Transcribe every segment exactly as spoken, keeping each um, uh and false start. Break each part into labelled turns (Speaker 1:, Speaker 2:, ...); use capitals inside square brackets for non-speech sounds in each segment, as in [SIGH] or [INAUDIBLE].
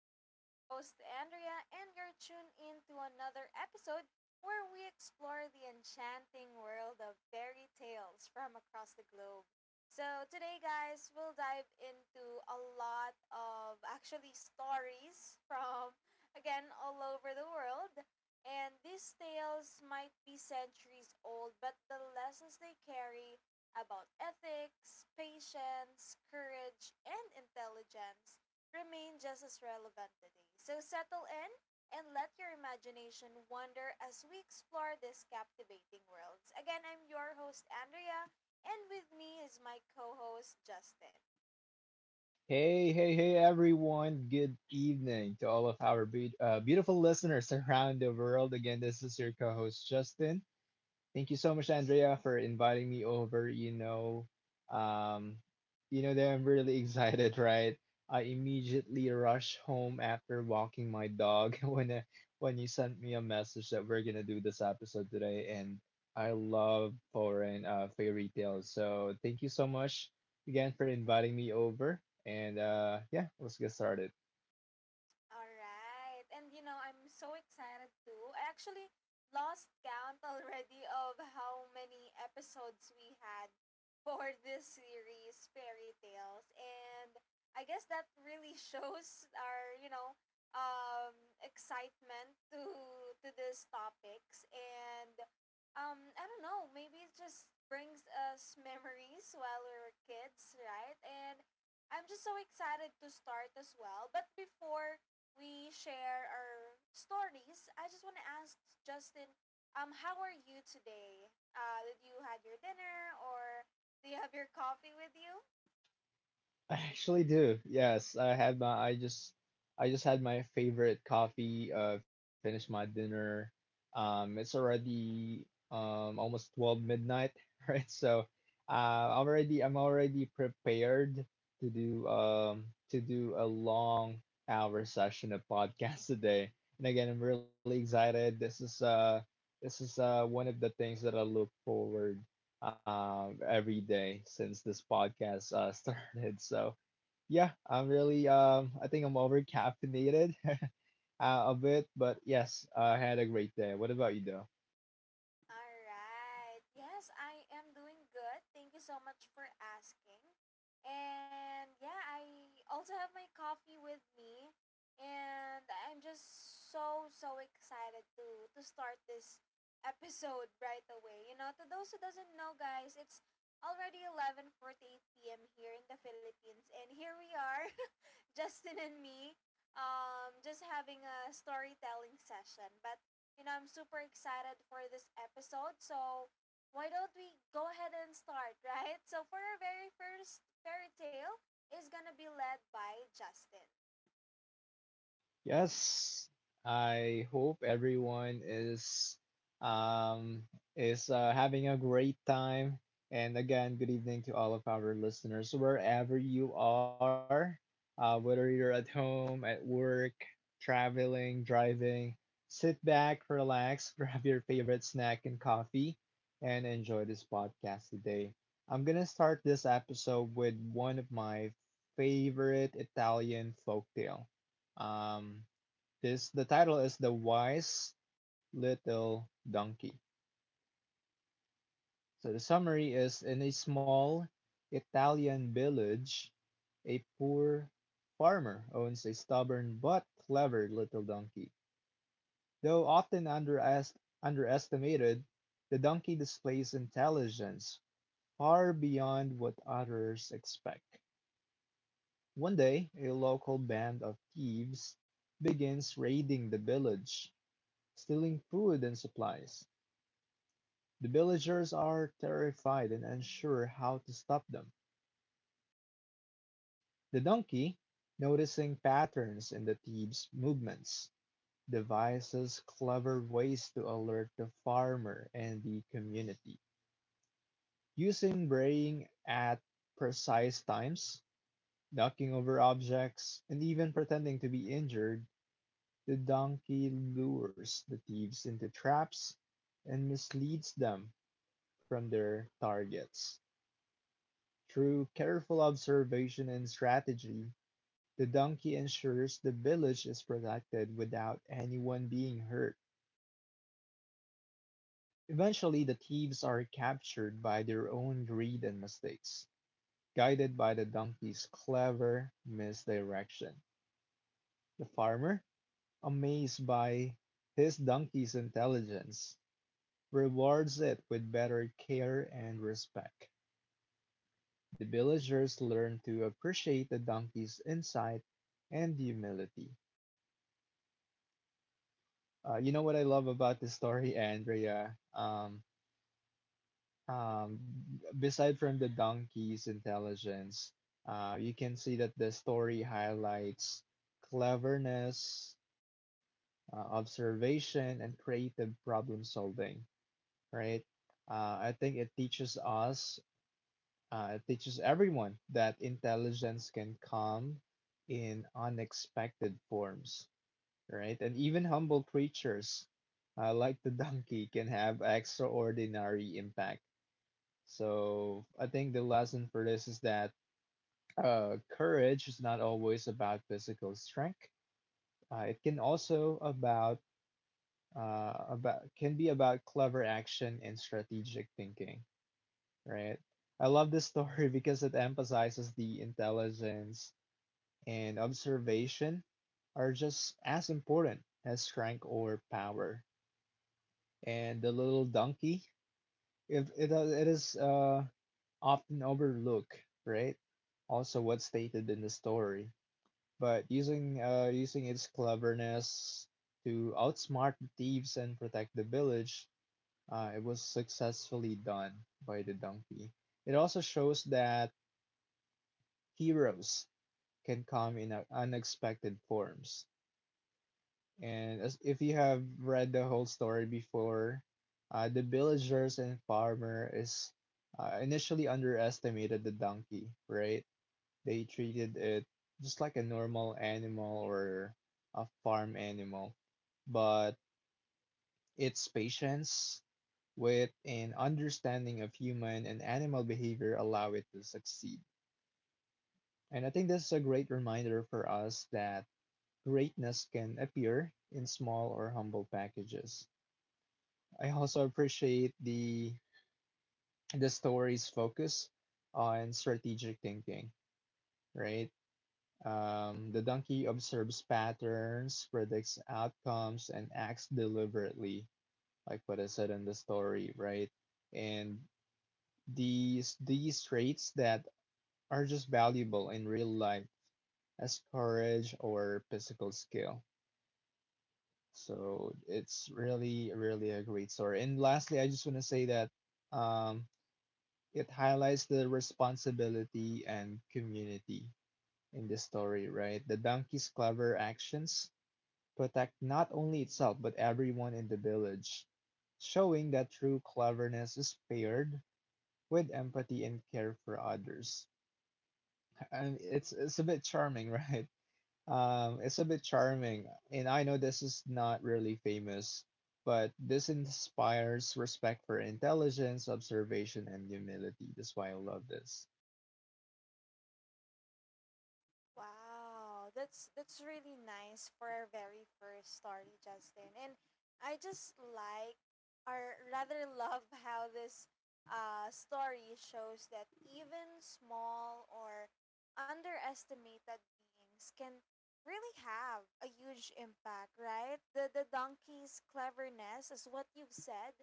Speaker 1: I'm your host Andrea and you're tuned in to another episode where we explore the enchanting world of fairy tales from across the globe. So today, guys, we'll dive into a lot of actually stories from, again, all over the world. And these tales might be centuries old, but the lessons they carry about ethics, patience, courage, and intelligence remain just as relevant today. So settle in and let your imagination wander as we explore these captivating worlds. Again, I'm your host, Andrea, and with me is my co host, Justin.
Speaker 2: Hey, hey, hey, everyone. Good evening to all of our be- uh, beautiful listeners around the world. Again, this is your co host, Justin. Thank you so much, Andrea, for inviting me over. You know, um, you know that I'm really [LAUGHS] excited, right? I immediately rushed home after walking my dog [LAUGHS] when uh, when you sent me a message that we're gonna do this episode today, and I love foreign uh, fairy tales. So thank you so much again for inviting me over, and uh, yeah, let's get started.
Speaker 1: All right. And you know, I'm so excited too. I actually lost count already of how many episodes we had for this series, Fairy Tales. And I guess that really [LAUGHS] shows our, you know, um excitement to to these topics, and um I don't know, maybe it just brings us memories while we were kids, right? And I'm just so excited to start as well. But before we share our stories, I just want to ask Justin, um, how are you today? Uh, did you had your dinner or do you have your coffee with you?
Speaker 2: I actually do. Yes, I had my I just I just had my favorite coffee, uh finished my dinner. Um it's already um almost twelve midnight, [LAUGHS] right? So uh I'm already I'm already prepared to do um to do a long hour session of podcast [LAUGHS] today. And again, I'm really excited. This is uh this is uh one of the things that I look forward um every day since this podcast uh [LAUGHS] started. So yeah, I'm really um I think I'm over caffeinated [LAUGHS] uh, a bit, but yes, I had a great day. What about you though?
Speaker 1: All right. Yes, I am doing good. Thank you so much for asking. And yeah, I also have my coffee with me, and I'm just so so excited to to start this episode right away. You know, to those who doesn't know, guys, it's already eleven forty-eight p m here in the Philippines, and here we are, Justin and me, um, just having a storytelling session. But, you know, I'm super excited for this episode. So, why don't we go ahead and start, [LAUGHS] right? So, for our very first fairy tale is gonna be led by Justin.
Speaker 2: Yes, I hope everyone is um, is uh, having a great time. And again, good evening to all of our listeners, wherever you are, uh, whether you're at home, at work, traveling, driving. Sit back, relax, [LAUGHS] grab your favorite snack and coffee, and enjoy this podcast today. I'm gonna start this episode with one of my favorite Italian folktale. Um, this the title is The Wise Little Donkey. So the summary is in a small Italian village, a poor farmer owns a stubborn but clever little donkey. Though often underest- underestimated, the donkey displays intelligence far beyond what others expect. One day, a local band of thieves begins raiding the village, stealing food and supplies. The villagers are terrified and unsure how to stop them. The donkey, noticing patterns in the thieves' movements, devises clever ways to alert the farmer and the community. Using braying at precise times, ducking over objects, and even pretending to be injured, the donkey lures the thieves into traps and misleads them from their targets. Through careful observation and strategy, the donkey ensures the village is protected without anyone being hurt. Eventually, the thieves are captured by their own greed and mistakes, guided by the donkey's clever misdirection. The farmer, amazed by his donkey's intelligence, rewards it with better care and respect. The villagers learn to appreciate the donkey's insight and humility. Uh, you know what I love about the story, Andrea? Um, um, beside from the donkey's intelligence, uh, you can see that the story highlights cleverness, uh, observation, and creative problem solving, right? Uh, I think it teaches us, uh, it teaches everyone that intelligence can come in unexpected forms, right? And even humble creatures uh, like the [LAUGHS] donkey can have extraordinary impact. So I think the lesson for this is that uh, courage is not always about physical strength. Uh, it can also about uh, about can be about clever action and strategic thinking, right? I love this [LAUGHS] story because it emphasizes the intelligence and observation are just as important as strength or power. And the little donkey, If it uh, it is, uh, often overlooked, right? Also, what's stated in the story, but using uh, using its cleverness to outsmart the thieves and protect the village, uh, it was successfully done by the donkey. It also shows that heroes can come in uh, unexpected forms. And as if you have read the whole story before, uh, the villagers and farmer is, uh, initially underestimated the donkey, right? They treated it just like a normal animal or a farm animal, but its patience, wit, and understanding of human and animal behavior allow it to succeed. And I think this is a great reminder for us that greatness can appear in small or humble packages. I also appreciate the the story's focus on strategic thinking, right? Um, the donkey observes patterns, predicts outcomes, and acts deliberately, like what I said in the story, right? And these these traits that are just valuable in real life as courage or physical skill. So it's really, really a great story. And lastly, I just want to say that um, it highlights the responsibility and community in the story, right? The donkey's clever actions protect not only itself but everyone in the village, showing that true cleverness is paired with empathy and care for others. And it's it's a bit charming, [LAUGHS] right? Um, it's a bit charming, and I know this is not really famous, but this inspires respect for intelligence, observation, and humility. That's why I love this.
Speaker 1: Wow, that's that's really nice for our very first story, Justin. And I just like, or rather love how this uh, story shows that even small or underestimated beings can really have a huge impact, right? The the donkey's cleverness is what you've said,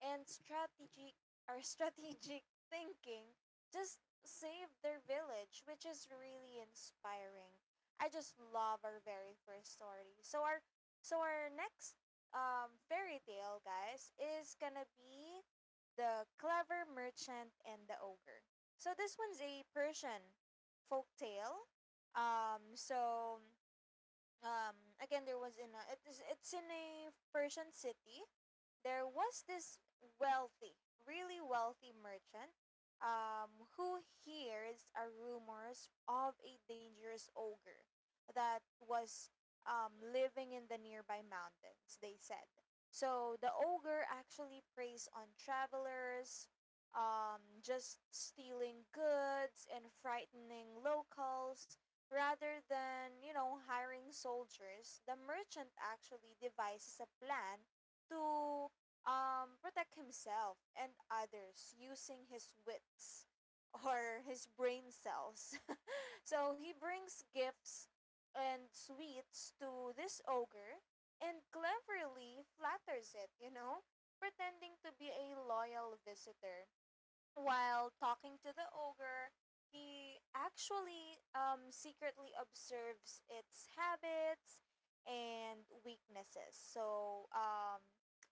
Speaker 1: and strategic or [LAUGHS] strategic thinking just saved their village, which is really inspiring. I just love our very first story. So our so our next um, fairy tale, guys, is gonna be the clever merchant and the ogre. So this one's a Persian folk tale. Um, so um again there was in a it is it's in a Persian city. There was this wealthy, really wealthy merchant um who hears a rumors of a dangerous ogre that was um living in the nearby mountains, they said. So the ogre actually preys on travelers, um just stealing goods and frightening locals. Rather than, you know, hiring soldiers, the merchant actually devises a plan to um, protect himself and others using his wits, [LAUGHS] or his brain cells. [LAUGHS] So he brings gifts and sweets to this ogre and cleverly flatters it, you know, pretending to be a loyal visitor. While talking to the ogre, he actually um, secretly observes its habits and weaknesses. So um,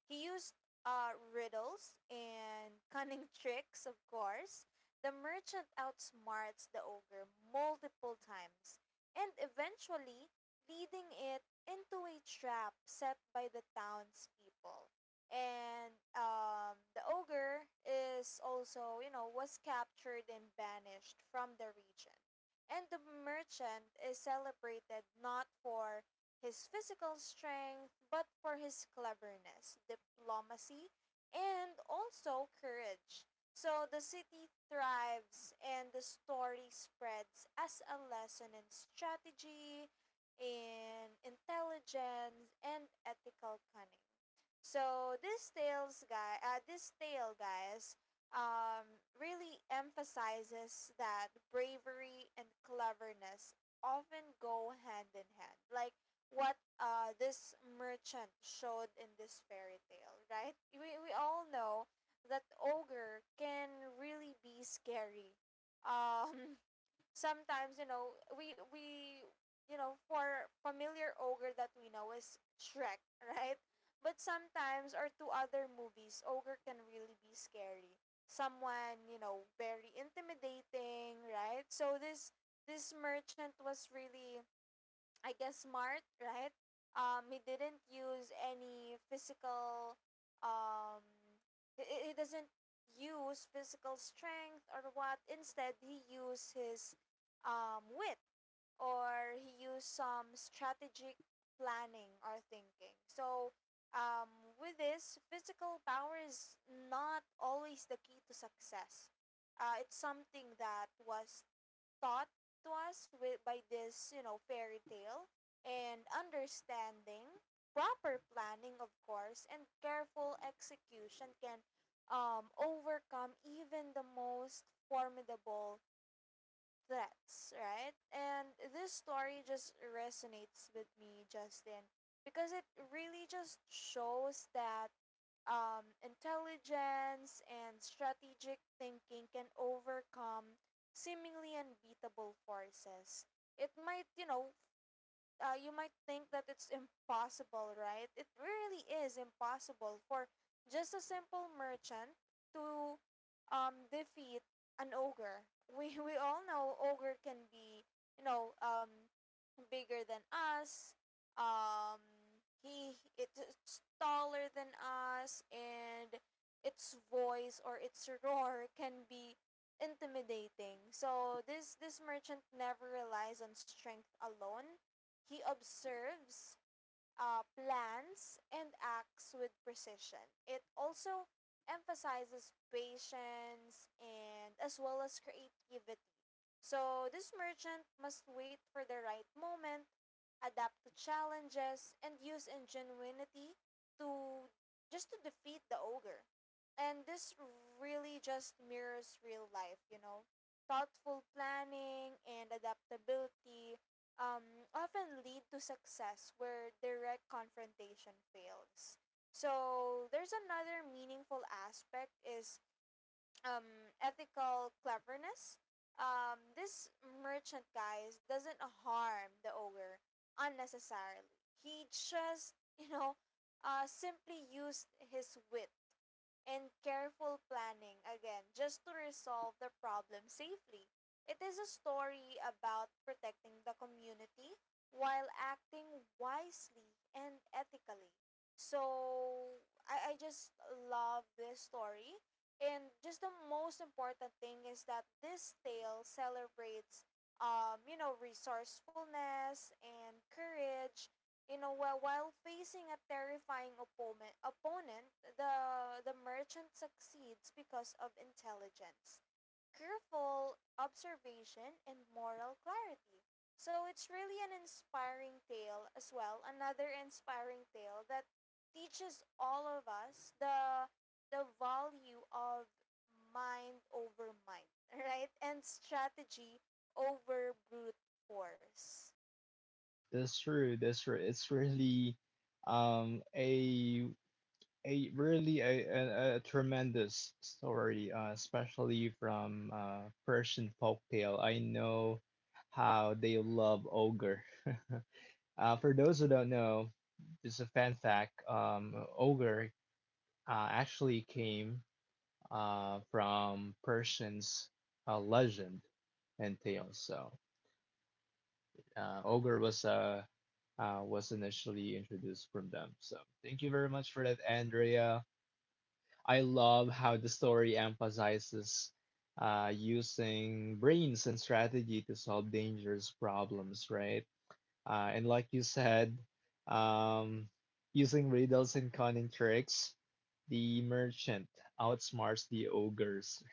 Speaker 1: he used uh, riddles and cunning [LAUGHS] tricks, of course. The merchant outsmarts the ogre multiple times and eventually leading it into a trap set by the townspeople, and um, the ogre is also, you know, was captured and banished from the region. And the merchant is celebrated not for his physical strength, but for his cleverness, diplomacy, and also courage. So the city thrives, and the story spreads as a lesson in strategy, in intelligence, and ethical cunning. So this tales guy, uh, this tale, guys, um, really emphasizes that bravery and cleverness often go hand in hand. Like what uh, this merchant showed in this fairy tale, right? We we all know that ogre can really be scary. [LAUGHS] Um, Sometimes, you know, we we you know for familiar ogre that we know is Shrek, [LAUGHS] right? But sometimes or to other movies, ogre can really be scary. Someone, you know very intimidating, right? So this this merchant was really, I guess, smart, right? Um, he didn't use any physical. Um, he, he doesn't use physical strength or what. Instead, he used his um, wit, or he used some strategic planning or thinking. So, um, with this, physical power is not always the key to success. Uh, it's something that was taught to us with by this you know fairy tale, and understanding proper planning, of course, and careful execution can um, overcome even the most formidable threats, right? And this story just resonates with me, Justin, because it really just shows that um, intelligence and strategic thinking can overcome seemingly unbeatable forces. It might, you know, uh, You might think that it's impossible, right? It really is impossible for just a simple merchant to um, defeat an ogre. We, we all know ogre can be, you know, um, bigger than us. Um, he It's taller than us, and its voice or its roar can be intimidating. So this this merchant never relies on strength alone. He observes, uh, plans and acts with precision. It also emphasizes patience and as well as creativity. So this merchant must wait for the right moment, adapt to challenges, and use ingenuity to just to defeat the ogre. And this really just mirrors real life, you know. Thoughtful planning and adaptability um, often lead to success where direct confrontation fails. So there's another meaningful aspect is um, ethical cleverness. Um, this merchant, guys, doesn't harm the ogre unnecessarily. He just [LAUGHS] you know uh, simply used his wit and careful planning again just to resolve the problem safely. It is a story about protecting the community while acting wisely and ethically. So I, I just love this story. And just the most important thing is that this tale celebrates, um, you know, resourcefulness and courage, you know, while, while facing a terrifying opponent, opponent, the the merchant succeeds because of intelligence, careful observation, and moral clarity. So it's really an inspiring tale as well. Another inspiring tale that teaches all of us the the value of mind over mind, [LAUGHS] right? And strategy over brute force.
Speaker 2: That's true. That's true. It's really um a a really a, a, a tremendous story, uh, especially from uh, Persian folk. I know how they love ogre. [LAUGHS] Uh, for those who don't know, just a fan fact, um, ogre uh, actually came uh, from Persians, uh, legend and tales. So. uh, Ogre was uh, uh, was initially introduced from them. So thank you very much for that, Andrea. I love how the story emphasizes uh, using brains and strategy to solve dangerous problems, right? Uh, and like you said, um, using riddles and cunning tricks, the merchant outsmarts the ogres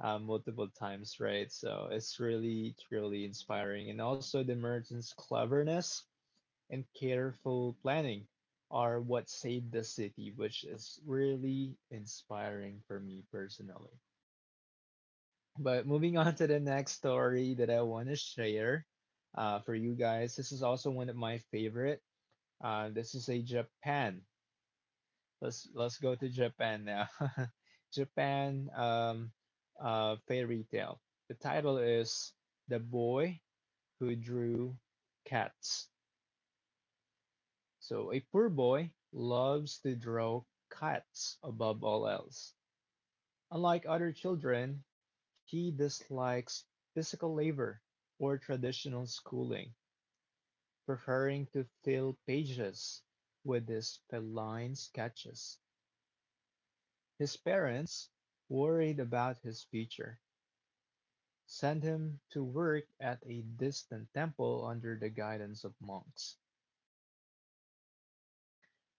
Speaker 2: uh, multiple times, right? So it's really, truly inspiring. And also the merchant's cleverness and careful planning are what saved the city, which is really inspiring for me personally. But moving on to the next story that I want to share uh, for you guys, this is also one of my favorite. Uh, this is a Japan. Let's let's go to Japan now. [LAUGHS] Japan um, uh, fairy tale. The title is The Boy Who Drew Cats. So a poor boy loves to draw cats above all else. Unlike other children, he dislikes physical labor or traditional schooling, preferring to fill pages with his feline sketches. His parents, worried about his future, sent him to work at a distant temple under the guidance of monks.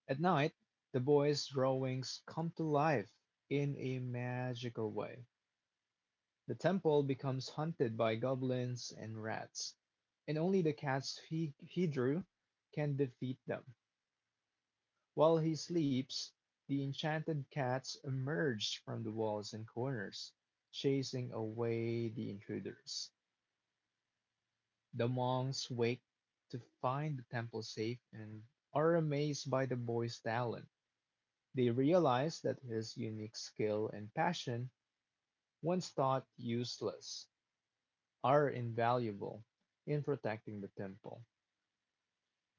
Speaker 2: At night, the boy's drawings come to life in a magical way. The temple becomes haunted by goblins and rats, and only the cats he, he drew can defeat them. While he sleeps, the enchanted cats emerge from the walls and corners, chasing away the intruders. The monks wake to find the temple safe and are amazed by the boy's talent. They realize that his unique skill and passion, once thought useless, are invaluable in protecting the temple.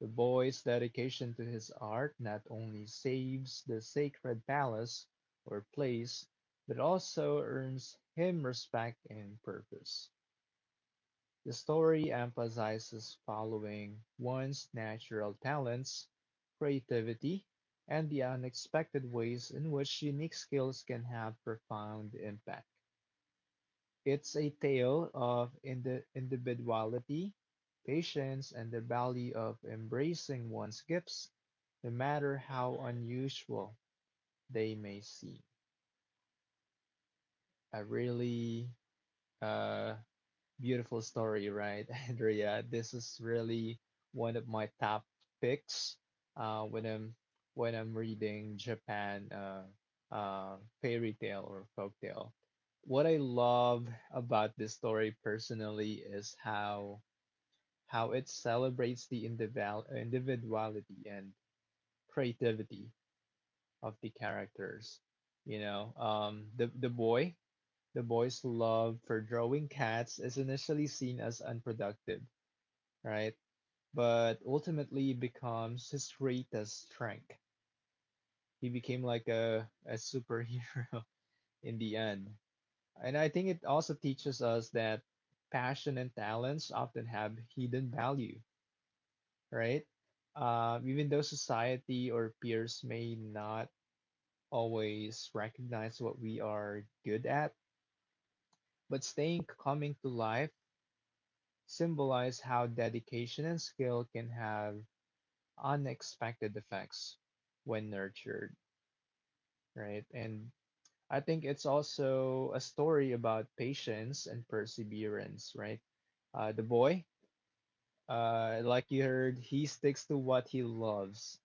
Speaker 2: The boy's dedication to his art not only saves the sacred palace or place, but also earns him respect and purpose. The story emphasizes following one's natural talents, creativity, and the unexpected ways in which unique skills can have profound impact. It's a tale of indi- individuality, patience, and the value of embracing one's gifts, no matter how unusual they may seem. I really uh, Beautiful story, right, [LAUGHS] Andrea? This is really one of my top picks uh, when I'm when I'm reading Japan uh, uh, fairy tale or folktale. What I love about this story personally is how how it celebrates the individual individuality and creativity of the characters. You know, um, the the boy the boy's love for drawing cats is initially seen as unproductive, right? But ultimately becomes his greatest strength. He became like a, a superhero [LAUGHS] in the end. And I think it also teaches us that passion and talents often have hidden value, right? Uh, even though society or peers may not always recognize what we are good at, but staying coming to life symbolize how dedication and skill can have unexpected effects when nurtured, right? And I think it's also a story about patience and perseverance, right? Uh, the boy, uh, like you heard, he sticks to what he loves,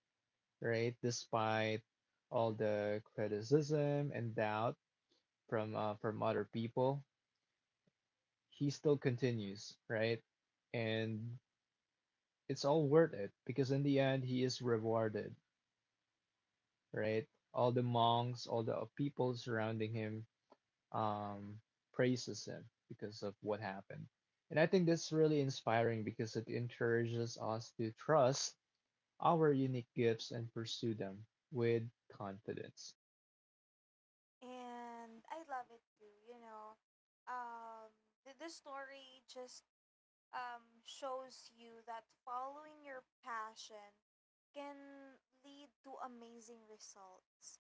Speaker 2: right? Despite all the criticism and doubt from uh, from other people, he still continues, right? And it's all worth it because in the end, he is rewarded, right? All the monks, all the people surrounding him, um, praises him because of what happened. And I think that's really inspiring because it encourages us to trust our unique gifts and pursue them with confidence.
Speaker 1: And I love it too. You know, um, the, the story just um, shows you that following your passion can lead to amazing results.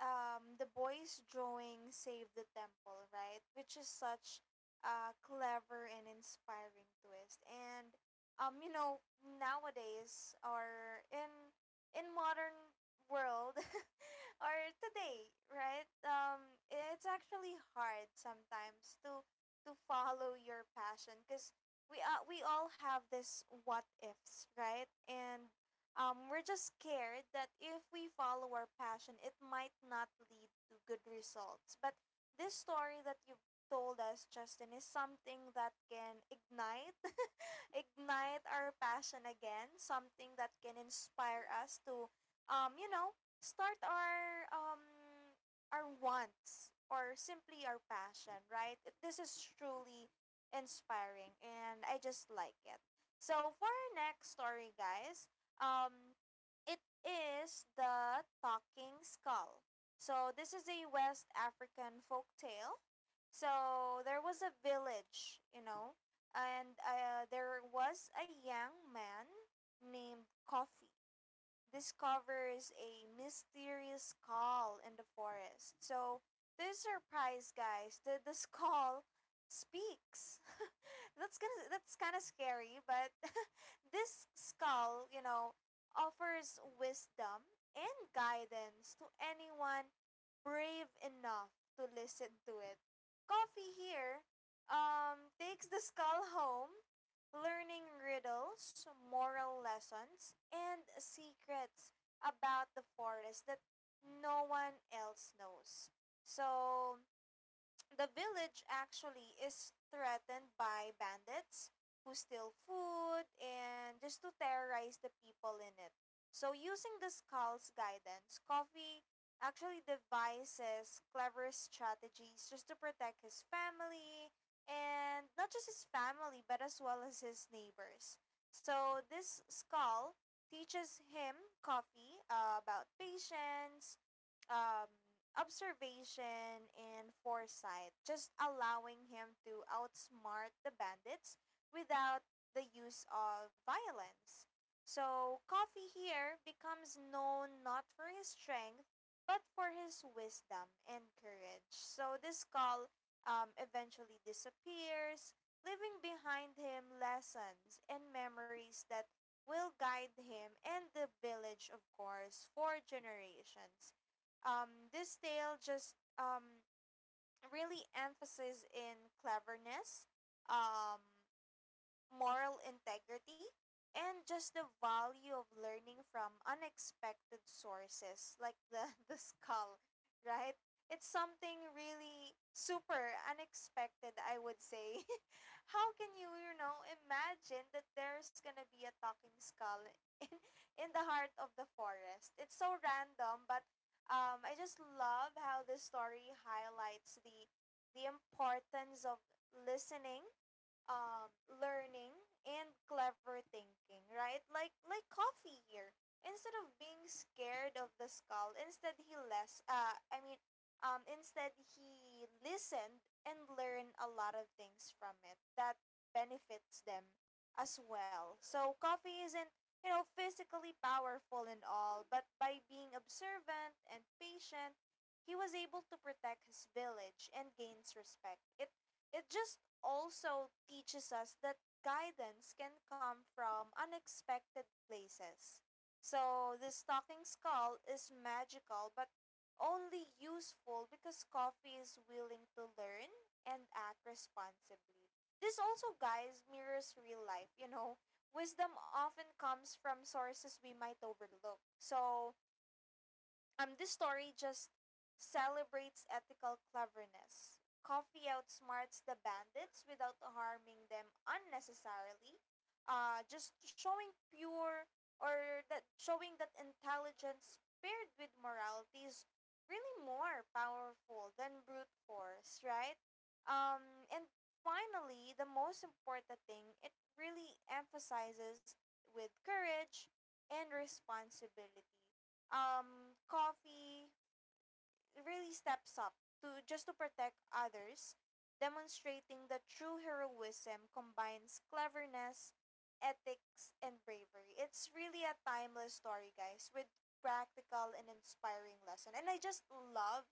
Speaker 1: Um, the boy's drawing saved the temple, right? Which is such a clever and inspiring twist. And um, you know, nowadays or in in modern world, [LAUGHS] [LAUGHS] or today, right? Um, it's actually hard sometimes to to follow your passion because we uh, we all have this what ifs, right? And um, we're just scared that if we follow our passion, it might not lead to good results. But this story that you've told us, Justin, is something that can ignite [LAUGHS] ignite our passion again, something that can inspire us to, um, you know, start our um, our wants or simply our passion, right? This is truly inspiring, and I just like it. So for our next story, guys, um, it is the talking skull. So this is a West African folk tale. So there was a village, you know, and uh, there was a young man named Coffee discovers a mysterious skull in the forest. So, to his surprise, guys, the, the skull speaks. [LAUGHS] That's gonna that's kind of scary, but [LAUGHS] this skull, you know, offers wisdom and guidance to anyone brave enough to listen to it. Coffee here um takes the skull home, learning riddles, moral lessons, and secrets about the forest that no one else knows. So, the village actually is threatened by bandits who steal food and just to terrorize the people in it. So, using the skull's guidance, Coffee actually devises clever strategies just to protect his family, and not just his family but as well as his neighbors. So, this skull teaches him, Coffee, uh, about patience, um, observation, and foresight, just allowing him to outsmart the bandits without the use of violence. So, Coffee here becomes known not for his strength, but for his wisdom and courage. So, this call um, eventually disappears, leaving behind him lessons and memories that will guide him and the village, of course, for generations. Um, this tale just um, really emphasizes in cleverness, um, moral integrity, and just the value of learning from unexpected sources like the, [LAUGHS] the skull, right? It's something really super unexpected, I would say. [LAUGHS] How can you, you know, imagine that there's gonna be a talking skull [LAUGHS] in, in the heart of the forest? It's so random, but um, I just love how this story highlights the the importance of listening, um, learning, and clever thinking, right? Like like Coffee here. Instead of being scared of the skull, instead he less uh I mean, um instead he listened and learned a lot of things from it that benefits them as well. So Coffee isn't, you know physically powerful and all, but by being observant and patient, he was able to protect his village and gains respect. It it just also teaches us that guidance can come from unexpected places. So, this talking skull is magical but only useful because coffee is willing to learn and act responsibly. This also, guys, mirrors real life. You know, wisdom often comes from sources we might overlook. So, um, this story just celebrates ethical cleverness. Coffee outsmarts the bandits without harming them unnecessarily. Uh, just showing pure or that showing that intelligence paired with morality is really more powerful than brute force, right? Um, and finally, the most important thing, it really emphasizes with courage and responsibility um, coffee really steps up to just to protect others, demonstrating that true heroism combines cleverness, ethics, and bravery. It's really a timeless story, guys, with practical and inspiring lesson. And I just love,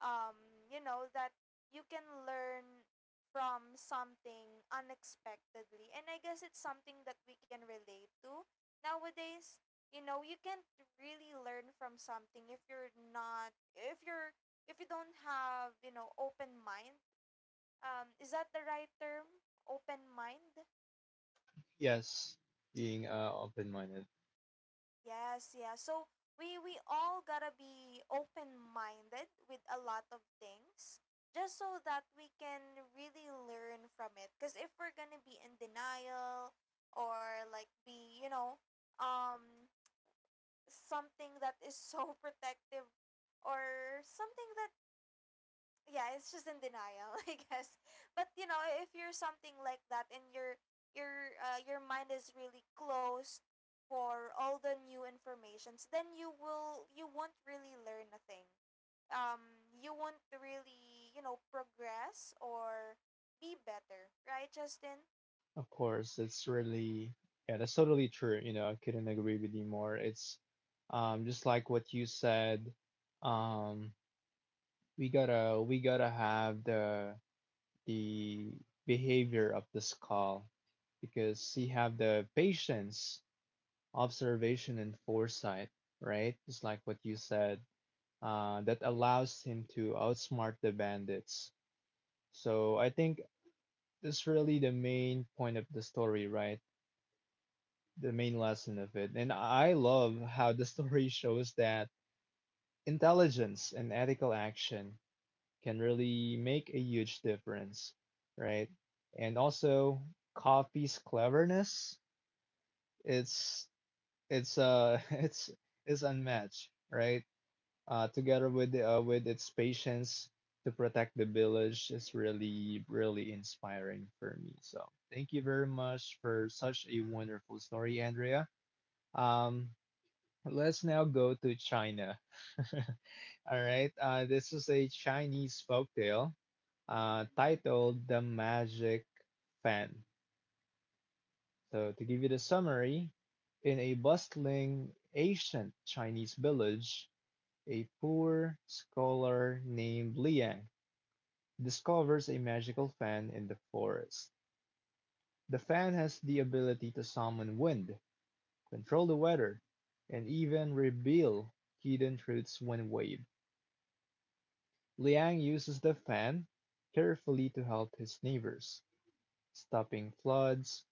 Speaker 1: um, you know, that you can learn from something unexpectedly. And I guess it's something that we can relate to nowadays. You know you can't really learn from something if you're not if you're if you don't have, you know open mind. Um is that the right term? Open mind?
Speaker 2: Yes, being uh, open minded.
Speaker 1: Yes, yeah, so we we all gotta be open minded with a lot of things just so that we can really learn from it, because if we're gonna be in denial or like be you know um something that is so [LAUGHS] protective or something that, yeah, it's just in denial, [LAUGHS] I guess. But you know, if you're something like that and your your uh, your mind is really closed for all the new informations, then you will you won't really learn a thing. Um, you won't really you know progress or be better, right, Justin?
Speaker 2: Of course, it's really, yeah, that's totally true. You know, I couldn't agree with you more. It's um, just like what you said. Um, we gotta, we gotta have the the behavior of the skull because you have the patience, observation, and foresight, right? Just like what you said, uh, that allows him to outsmart the bandits. So I think that's really the main point of the story, right? The main lesson of it. And I love how the [LAUGHS] story shows that intelligence and ethical action can really make a huge difference, right? And also coffee's cleverness, it's it's uh [LAUGHS] it's it's unmatched, right? Uh, together with the, uh, with its patience to protect the village is really really inspiring for me. So thank you very much for such a wonderful story, Andrea. Um, let's now go to China. [LAUGHS] All right, uh, this is a Chinese folktale uh, titled The Magic Fan. So, to give you the summary, in a bustling ancient Chinese village, a poor scholar named Liang discovers a magical fan in the forest. The fan has the ability to summon wind, control the weather, and even reveal hidden truths when waved. Liang uses the fan carefully to help his neighbors, stopping floods,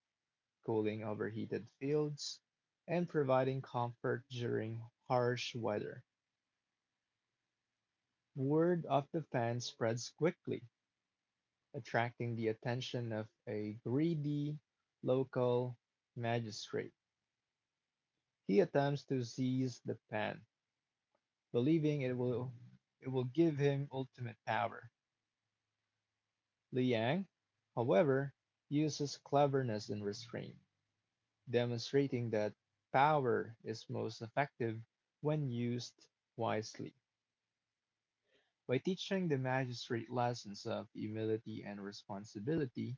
Speaker 2: cooling overheated fields, and providing comfort during harsh weather. Word of the fan spreads quickly, attracting the attention of a greedy local magistrate. He attempts to seize the fan, believing it will it will give him ultimate power. Liang, however, uses cleverness and restraint, demonstrating that power is most effective when used wisely. By teaching the magistrate lessons of humility and responsibility,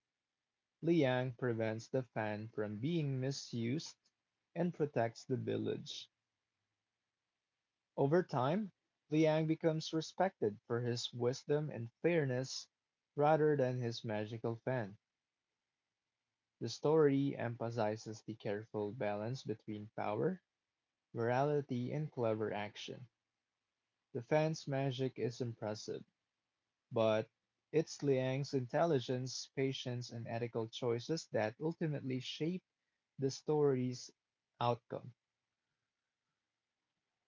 Speaker 2: Liang prevents the fan from being misused and protects the village. Over time, Liang becomes respected for his wisdom and fairness rather than his magical fan. The story emphasizes the careful balance between power, morality, and clever action. The fan's magic is impressive, but it's Liang's intelligence, patience, and ethical choices that ultimately shape the story's outcome.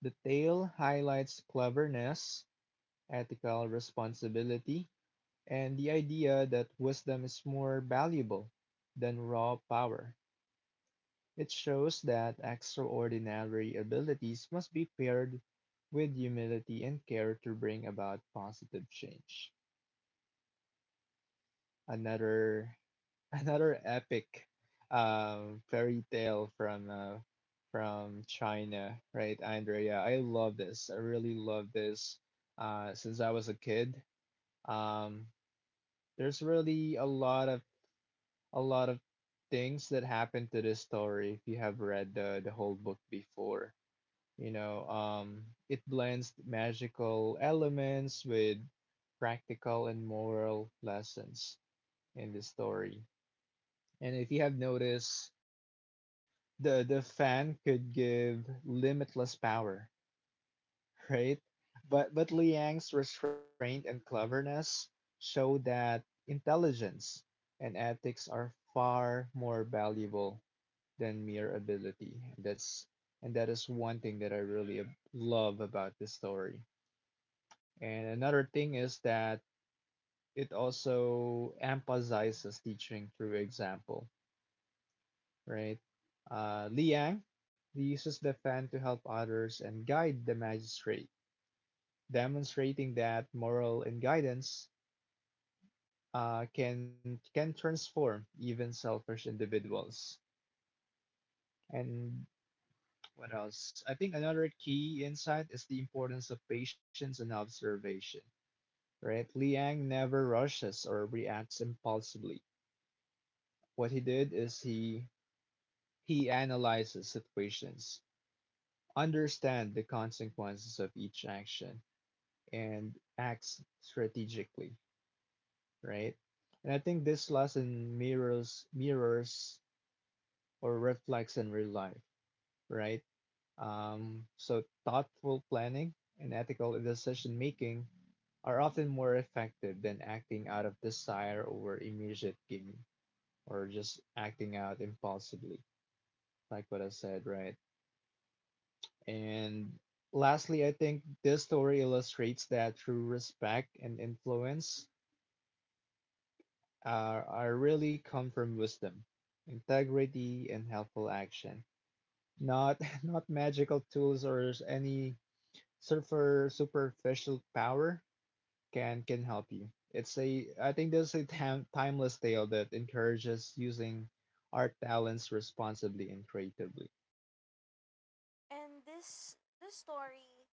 Speaker 2: The tale highlights cleverness, ethical responsibility, and the idea that wisdom is more valuable than raw power. It shows that extraordinary abilities must be paired with humility and care to bring about positive change. Another [LAUGHS] another epic um fairy tale from uh, from China, right, Andrea? I love this. I really love this uh since I was a kid. Um there's really a lot of a lot of things that happen to this story if you have read the the whole book before. You know, um it blends magical elements with practical and moral lessons in the story. And if you have noticed the the fan could give limitless power, right? But but Liang's restraint and cleverness show that intelligence and ethics are far more valuable than mere ability. And that's and that is one thing that I really ab- love about this story. And another thing is that it also emphasizes teaching through example, right? Uh, Liang uses the fan to help others and guide the magistrate, demonstrating that moral and guidance uh, can can transform even selfish individuals. And what else? I think another key insight is the importance of patience and observation. Right? Liang never rushes or reacts impulsively. What he did is he he analyzes situations, understand the consequences of each action, and acts strategically, right? And I think this lesson mirrors mirrors or reflects in real life, right? Um, so thoughtful planning and ethical decision making are often more effective than acting out of desire or immediate gain or just acting out impulsively, like what I said, right? And lastly, I think this story illustrates that through respect and influence, are, are really come from wisdom, integrity, and helpful action. Not [LAUGHS] not magical tools or any super superficial power can can help you. It's a I think there's a time, timeless tale that encourages using our talents responsibly and creatively.
Speaker 1: And this this story,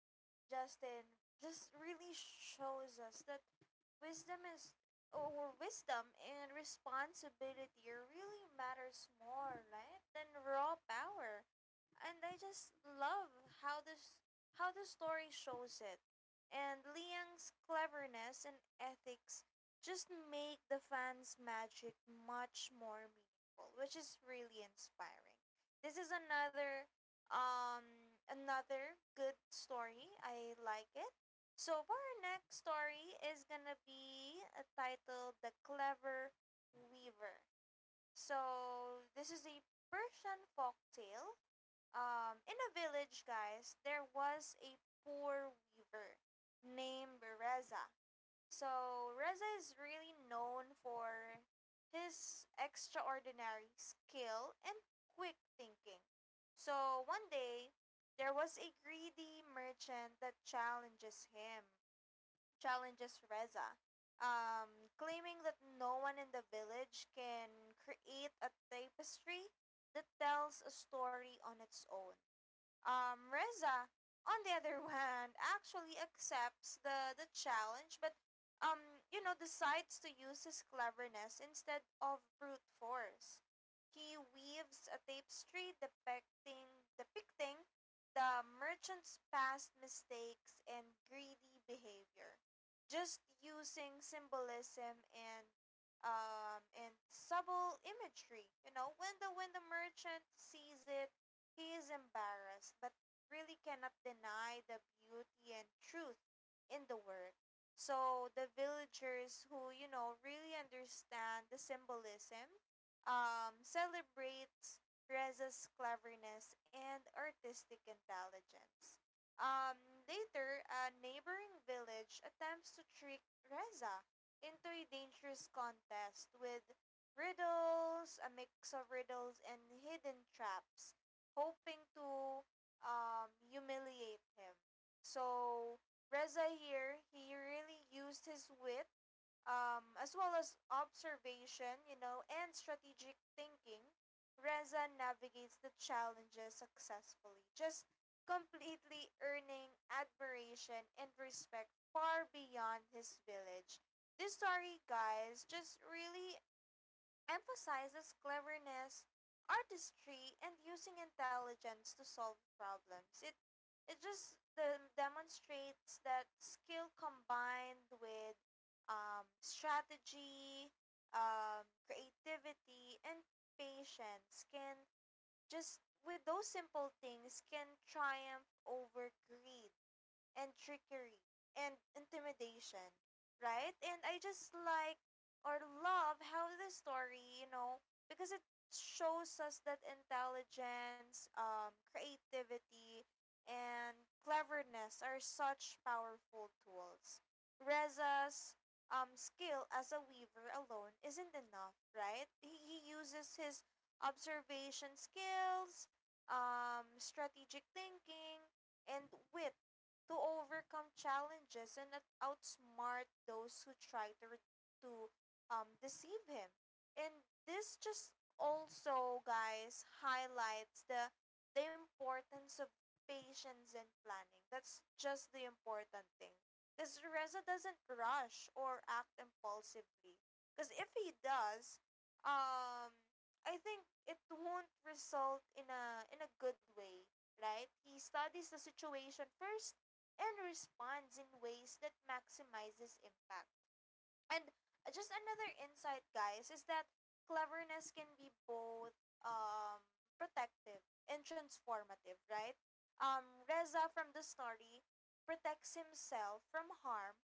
Speaker 1: Justin, just really shows us that wisdom is or wisdom and responsibility really matters more, right, than raw power, and I just love how this how the story shows it, and Liang's cleverness and ethics just make the fans magic much more meaningful, which is really inspiring. This is another um another good story, I like it. So for our next story is gonna be uh, titled "The Clever Weaver." So this is a Persian folk tale. Um, in a village, guys, there was a poor weaver named Reza. So Reza is really known for his extraordinary skill and quick thinking. So one day, there was a greedy merchant that challenges him challenges Reza, um, claiming that no one in the village can create a tapestry that tells a story on its own. Um, Reza, on the other hand, actually accepts the, the challenge, but um, you know, decides to use his cleverness instead of brute force. He weaves a tapestry depicting depicting the merchant's past mistakes and greedy behavior, just using symbolism and um and subtle imagery. You know, when the when the merchant sees it, he is embarrassed, but really cannot deny the beauty and truth in the work. So the villagers who, you know, really understand the symbolism, um, celebrates Reza's cleverness and artistic intelligence. Um, later, a neighboring village attempts to trick Reza into a dangerous contest with riddles, a mix of riddles and hidden traps, hoping to um, humiliate him. So Reza here, he really used his wit, um, as well as observation, you know, and strategic thinking. Reza navigates the challenges successfully, just completely earning admiration and respect far beyond his village. This story, guys, just really emphasizes cleverness, artistry, and using intelligence to solve problems. It it just de- demonstrates that skill combined with um, strategy, um, creativity, and patience, can just with those simple things, can triumph over greed and trickery and intimidation, right? And I just like or love how the story, you know, because it shows us that intelligence, um, creativity, and cleverness are such powerful tools. Reza's um, skill as a weaver alone isn't enough, right? He, he uses his observation skills, um, strategic thinking, and wit to overcome challenges and out- outsmart those who try to re- to um, deceive him. And this just also, guys, highlights the the importance of patience and planning. That's just the important thing. Because Reza doesn't rush or act impulsively. Because if he does, um, I think it won't result in a in a good way, right? He studies the situation first and responds in ways that maximizes impact. And just another insight, guys, is that cleverness can be both um, protective and transformative, right? Um, Reza from the story protects himself from harm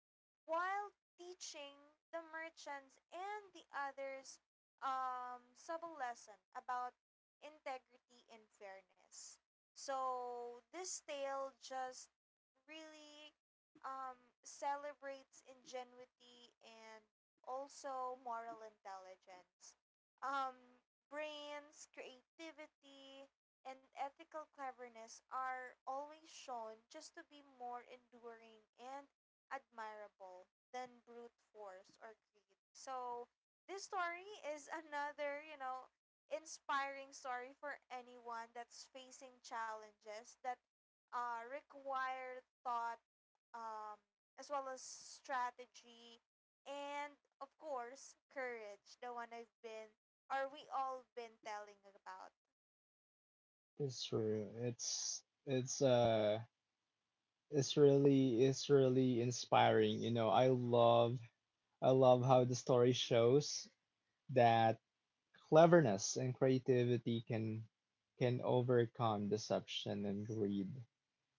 Speaker 1: while teaching the merchants and the others um, subtle lesson about integrity and fairness. So this tale just really um, celebrates ingenuity and also moral intelligence. Um, Brains, creativity, and ethical cleverness are always shown just to be more enduring and admirable than brute force or greed. So, this story is another, you know, inspiring story for anyone that's facing challenges that uh, require thought, um, as well as strategy, and of course, courage, the one I've been, or we all been telling about.
Speaker 2: It's true. It's it's uh it's really it's really inspiring. You know, I love I love how the story shows that cleverness and creativity can can overcome deception and greed.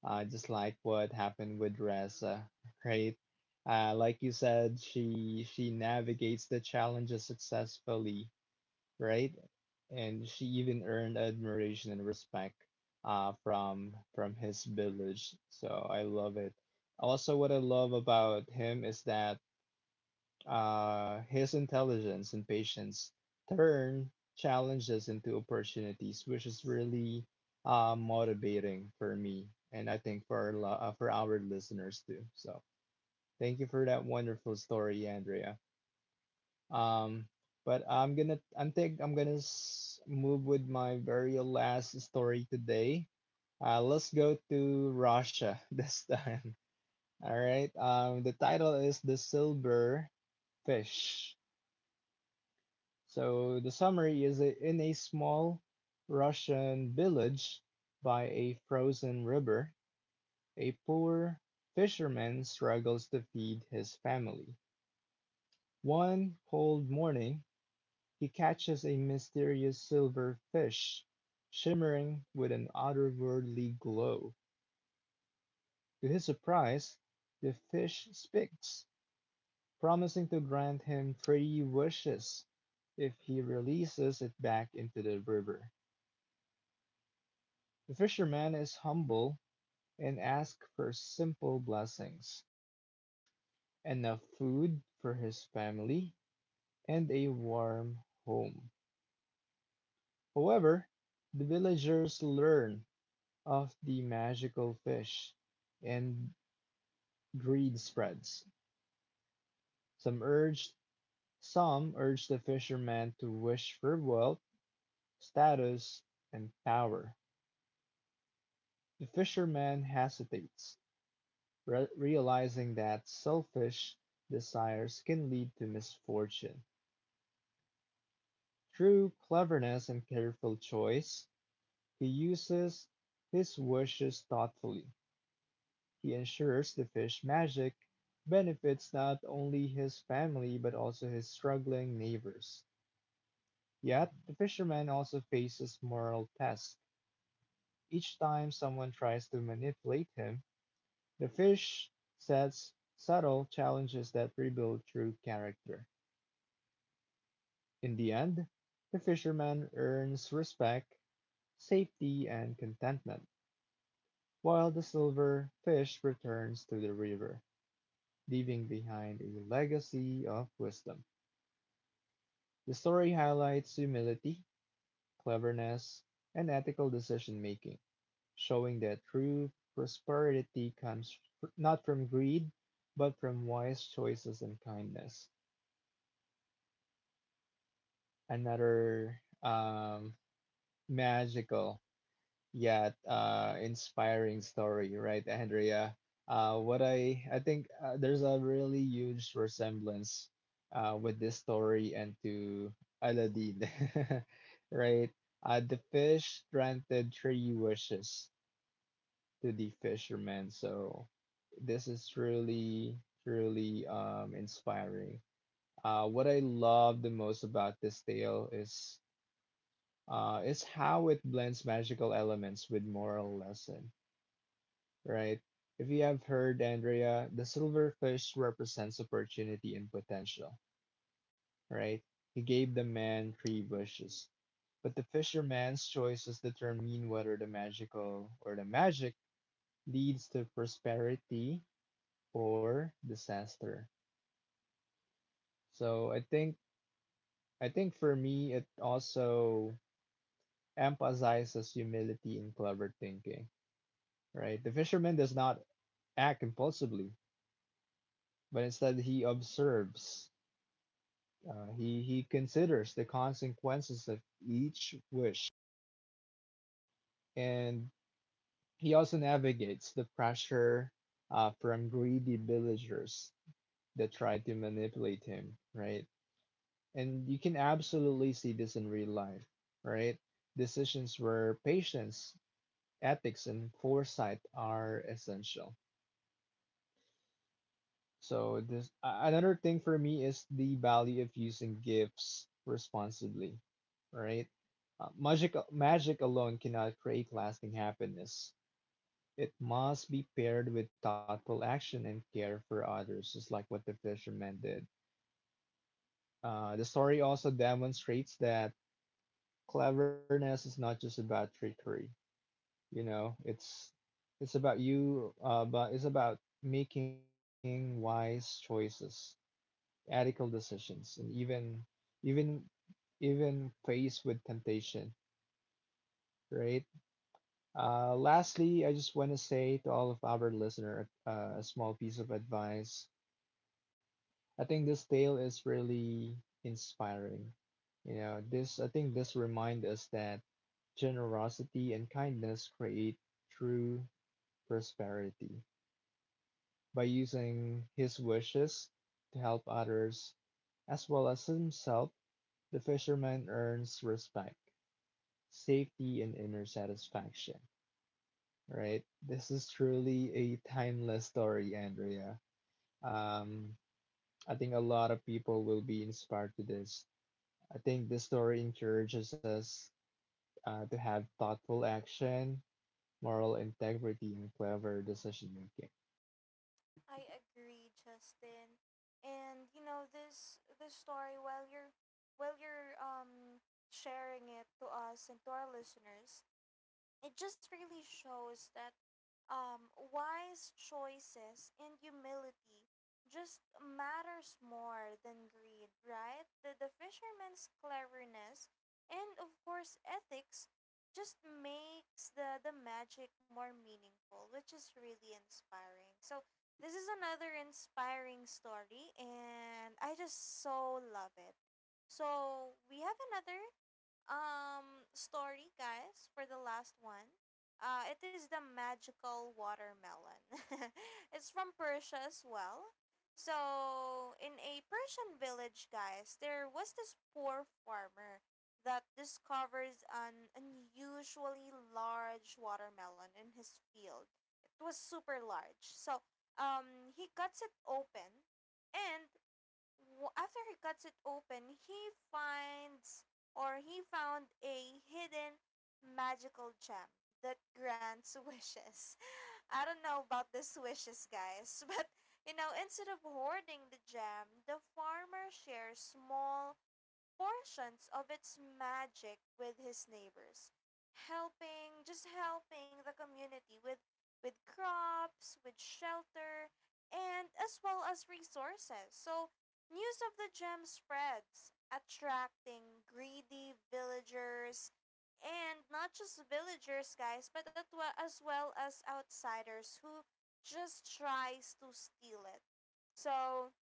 Speaker 2: Uh, just like what happened with Reza, [LAUGHS] right? Uh, like you said, she she navigates the challenges successfully, right? And she even earned admiration and respect uh, from from his village. So I love it. Also, what I love about him is that uh, his intelligence and patience turn challenges into opportunities, which is really uh, motivating for me, and I think for our, lo- uh, for our listeners too. So thank you for that wonderful story, Andrea. Um, but I'm gonna, I think I'm gonna s- move with my very last story today. Uh, let's go to Russia [LAUGHS] this time. All right. Um, the title is The Silver Fish. So the summary is that in a small Russian village by a frozen river, a poor fisherman struggles to feed his family. One cold morning, he catches a mysterious silver fish shimmering with an otherworldly glow. To his surprise, the fish speaks, promising to grant him three wishes if he releases it back into the river. The fisherman is humble and asks for simple blessings, enough food for his family and a warm home. However, the villagers learn of the magical fish and greed spreads. Some urge some urge the fisherman to wish for wealth, status, and power. The fisherman hesitates, Re realizing that selfish desires can lead to misfortune. Through cleverness and careful choice, he uses his wishes thoughtfully. He ensures the fish magic benefits not only his family but also his struggling neighbors. Yet, the fisherman also faces moral tests. Each time someone tries to manipulate him, the fish sets subtle challenges that rebuild true character. In the end, the fisherman earns respect, safety, and contentment, while the silver fish returns to the river, leaving behind a legacy of wisdom. The story highlights humility, cleverness, and ethical decision making, showing that true prosperity comes fr- not from greed, but from wise choices and kindness. Another um, magical, yeah, uh, inspiring story, right, Andrea? Uh, what I I think uh, there's a really huge resemblance uh, with this story and to Aladdin, [LAUGHS] right? Uh, the fish granted three wishes to the fisherman, so this is really, really um, inspiring. Uh, what I love the most about this tale is uh, is how it blends magical elements with moral lesson, right? If you have heard, Andrea, the silverfish represents opportunity and potential, right? He gave the man three wishes, but the fisherman's choices determine whether the magical or the magic leads to prosperity or disaster. So I think I think for me it also emphasizes humility and clever thinking, right? The fisherman does not act impulsively, but instead he observes. Uh, he, he considers the consequences of each wish, and he also navigates the pressure uh, from greedy villagers that try to manipulate him, right? And you can absolutely see this in real life, right? Decisions where patience, ethics, and foresight are essential. So this a- another thing for me is the value of using gifts responsibly, right? Uh, magic magic alone cannot create lasting happiness. It must be paired with thoughtful action and care for others, just like what the fisherman did. Uh, the story also demonstrates that cleverness is not just about trickery. You know, it's it's about you, uh, but it's about making wise choices, ethical decisions, and even even even faced with temptation, right? Uh, lastly, I just want to say to all of our listener uh, a small piece of advice. I think this tale is really inspiring. You know, this I think this reminds us that generosity and kindness create true prosperity. By using his wishes to help others as well as himself, the fisherman earns respect, safety, and inner satisfaction, right? This is truly a timeless story, Andrea. Um, I think a lot of people will be inspired to this. I think this story encourages us uh, to have thoughtful action, moral integrity, and clever decision making.
Speaker 1: I agree, Justin. And you know this this story, while you're while you're um sharing it to us and to our listeners, it just really shows that um, wise choices and humility just matters more than greed, right? The, the fisherman's cleverness and, of course, ethics just makes the, the magic more meaningful, which is really inspiring. So, this is another inspiring story, and I just so love it. So, we have another um story, guys, for the last one. Uh it is the magical watermelon. [LAUGHS] It's from Persia as well. So in a Persian village, guys, there was this poor farmer that discovers an unusually large watermelon in his field. It was super large, so um he cuts it open, and w- after he cuts it open, he finds or he found a hidden magical gem that grants wishes. [LAUGHS] I don't know about these wishes, guys, [LAUGHS] but you know, instead of hoarding the gem, the farmer shares small portions of its magic with his neighbors, helping just helping the community with with crops, with shelter, and as well as resources. So news of the gem spreads, attracting greedy villagers, and not just villagers, guys, but at wa- as well as outsiders who just tries to steal it. So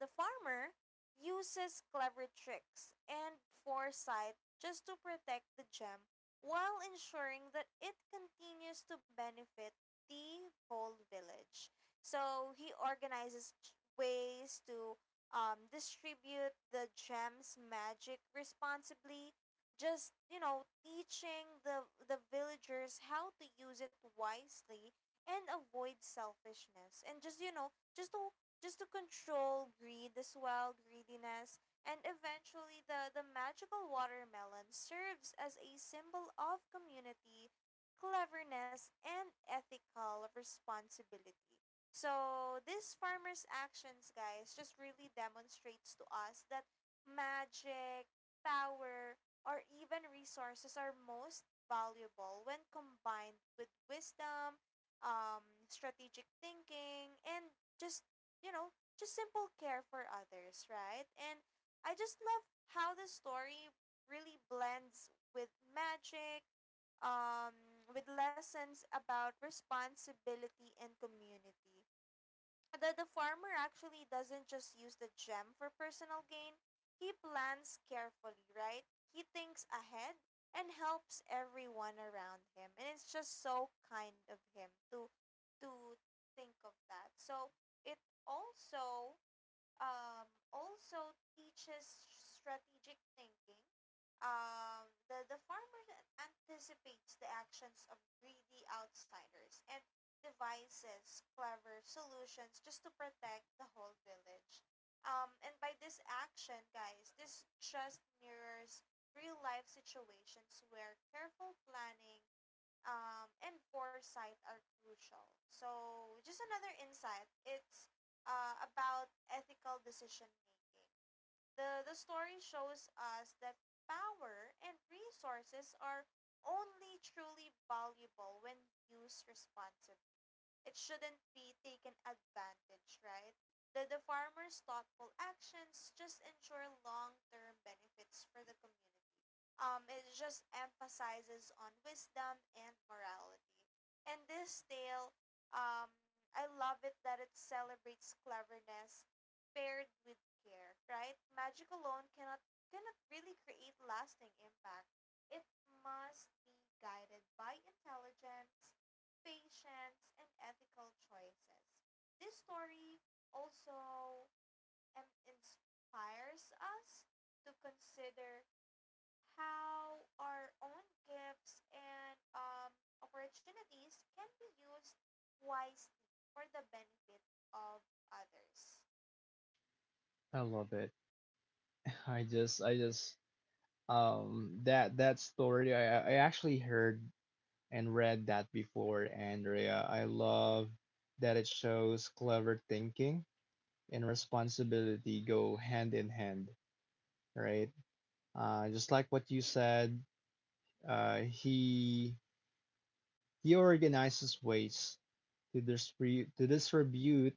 Speaker 1: the farmer uses clever tricks and foresight just to protect the gem while ensuring that it continues to benefit the whole village. So he organizes ch- ways to um, distribute the gem's magic responsibly, just, you know, teaching the, the villagers how to use it wisely and avoid selfishness. And just, you know, just to just to control greed as well, greediness. And eventually, the, the magical watermelon serves as a symbol of community, cleverness, and ethical responsibility. So, this farmers' actions, guys, just really demonstrates to us that magic, power, or even resources are most valuable when combined with wisdom, um, strategic thinking, and just you know, just simple care for others, right? And I just love how the story really blends with magic, um, with lessons about responsibility and community. The, the farmer actually doesn't just use the gem for personal gain, he plans carefully, right? He thinks ahead and helps everyone around him. And it's just so kind of him to to think of that. So it also, um, also teaches strategic thinking. Um, the, the farmer anticipates the actions of greedy outsiders and devises clever solutions just to protect the whole village. Um, and by this action, guys, this just mirrors real life situations where careful planning um, and foresight are crucial. So, just another insight, it's uh, about ethical decision making. The, the story shows us that power and resources are only truly valuable when used responsibly. It shouldn't be taken advantage, right? The, the farmer's thoughtful actions just ensure long term benefits for the community. Um, it just emphasizes on wisdom and morality. And this tale, um, I love it that it celebrates cleverness paired with care, right? Magic alone cannot cannot really create lasting impact. It must be guided by intelligence, patience, and ethical choices. This story also um inspires us to consider how our own gifts and um, opportunities can be used wisely for the benefit of others.
Speaker 2: I love it. [LAUGHS] I just, I just, um, that that story. I I actually heard and read that before, Andrea. I love that it shows clever thinking and responsibility go hand in hand, right? Uh, just like what you said, uh, he he organizes ways to distribute to distribute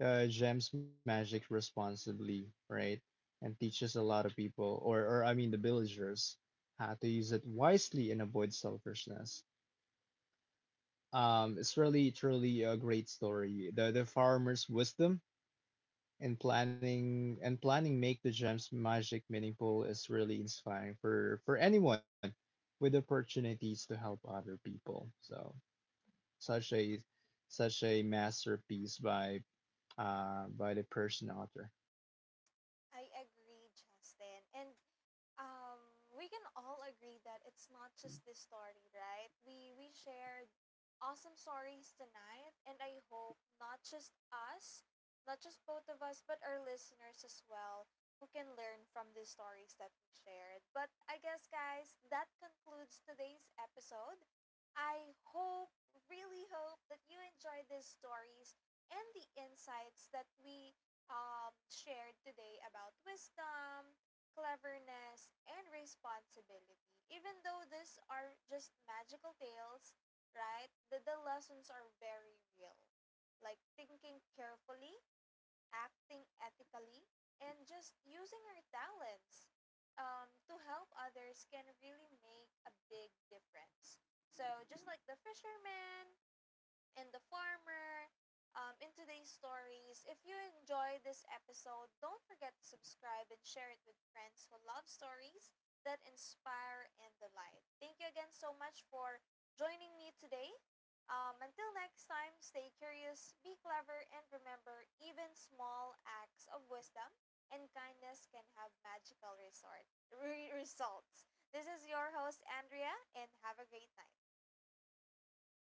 Speaker 2: uh, Gem's magic responsibly, right? And teaches a lot of people, or or I mean the villagers, how to use it wisely and avoid selfishness. Um, it's really truly a great story. The the farmer's wisdom and planning and planning make the gems magic meaningful is really inspiring for for anyone with opportunities to help other people. So such a such a masterpiece by uh by the person author.
Speaker 1: I agree, Justin. And um, we can all agree that it's not just this story, right? We we shared awesome stories tonight, and I hope not just us, not just both of us, but our listeners as well, who can learn from the stories that we shared. But I guess, guys, that concludes today's episode. I hope, really hope, that you enjoyed these stories and the insights that we um, shared today about wisdom, cleverness, and responsibility. Even though these are just magical tales, right, the, the lessons are very real. Like thinking carefully, acting ethically, and just using our talents um, to help others can really make a big difference. So, just like the fisherman, and the farmer um, in today's stories. If you enjoyed this episode, don't forget to subscribe and share it with friends who love stories that inspire and delight. Thank you again so much for joining me today. Um, until next time, stay curious, be clever, and remember even small acts of wisdom and kindness can have magical resort, re- results. This is your host, Andrea, and have a great night.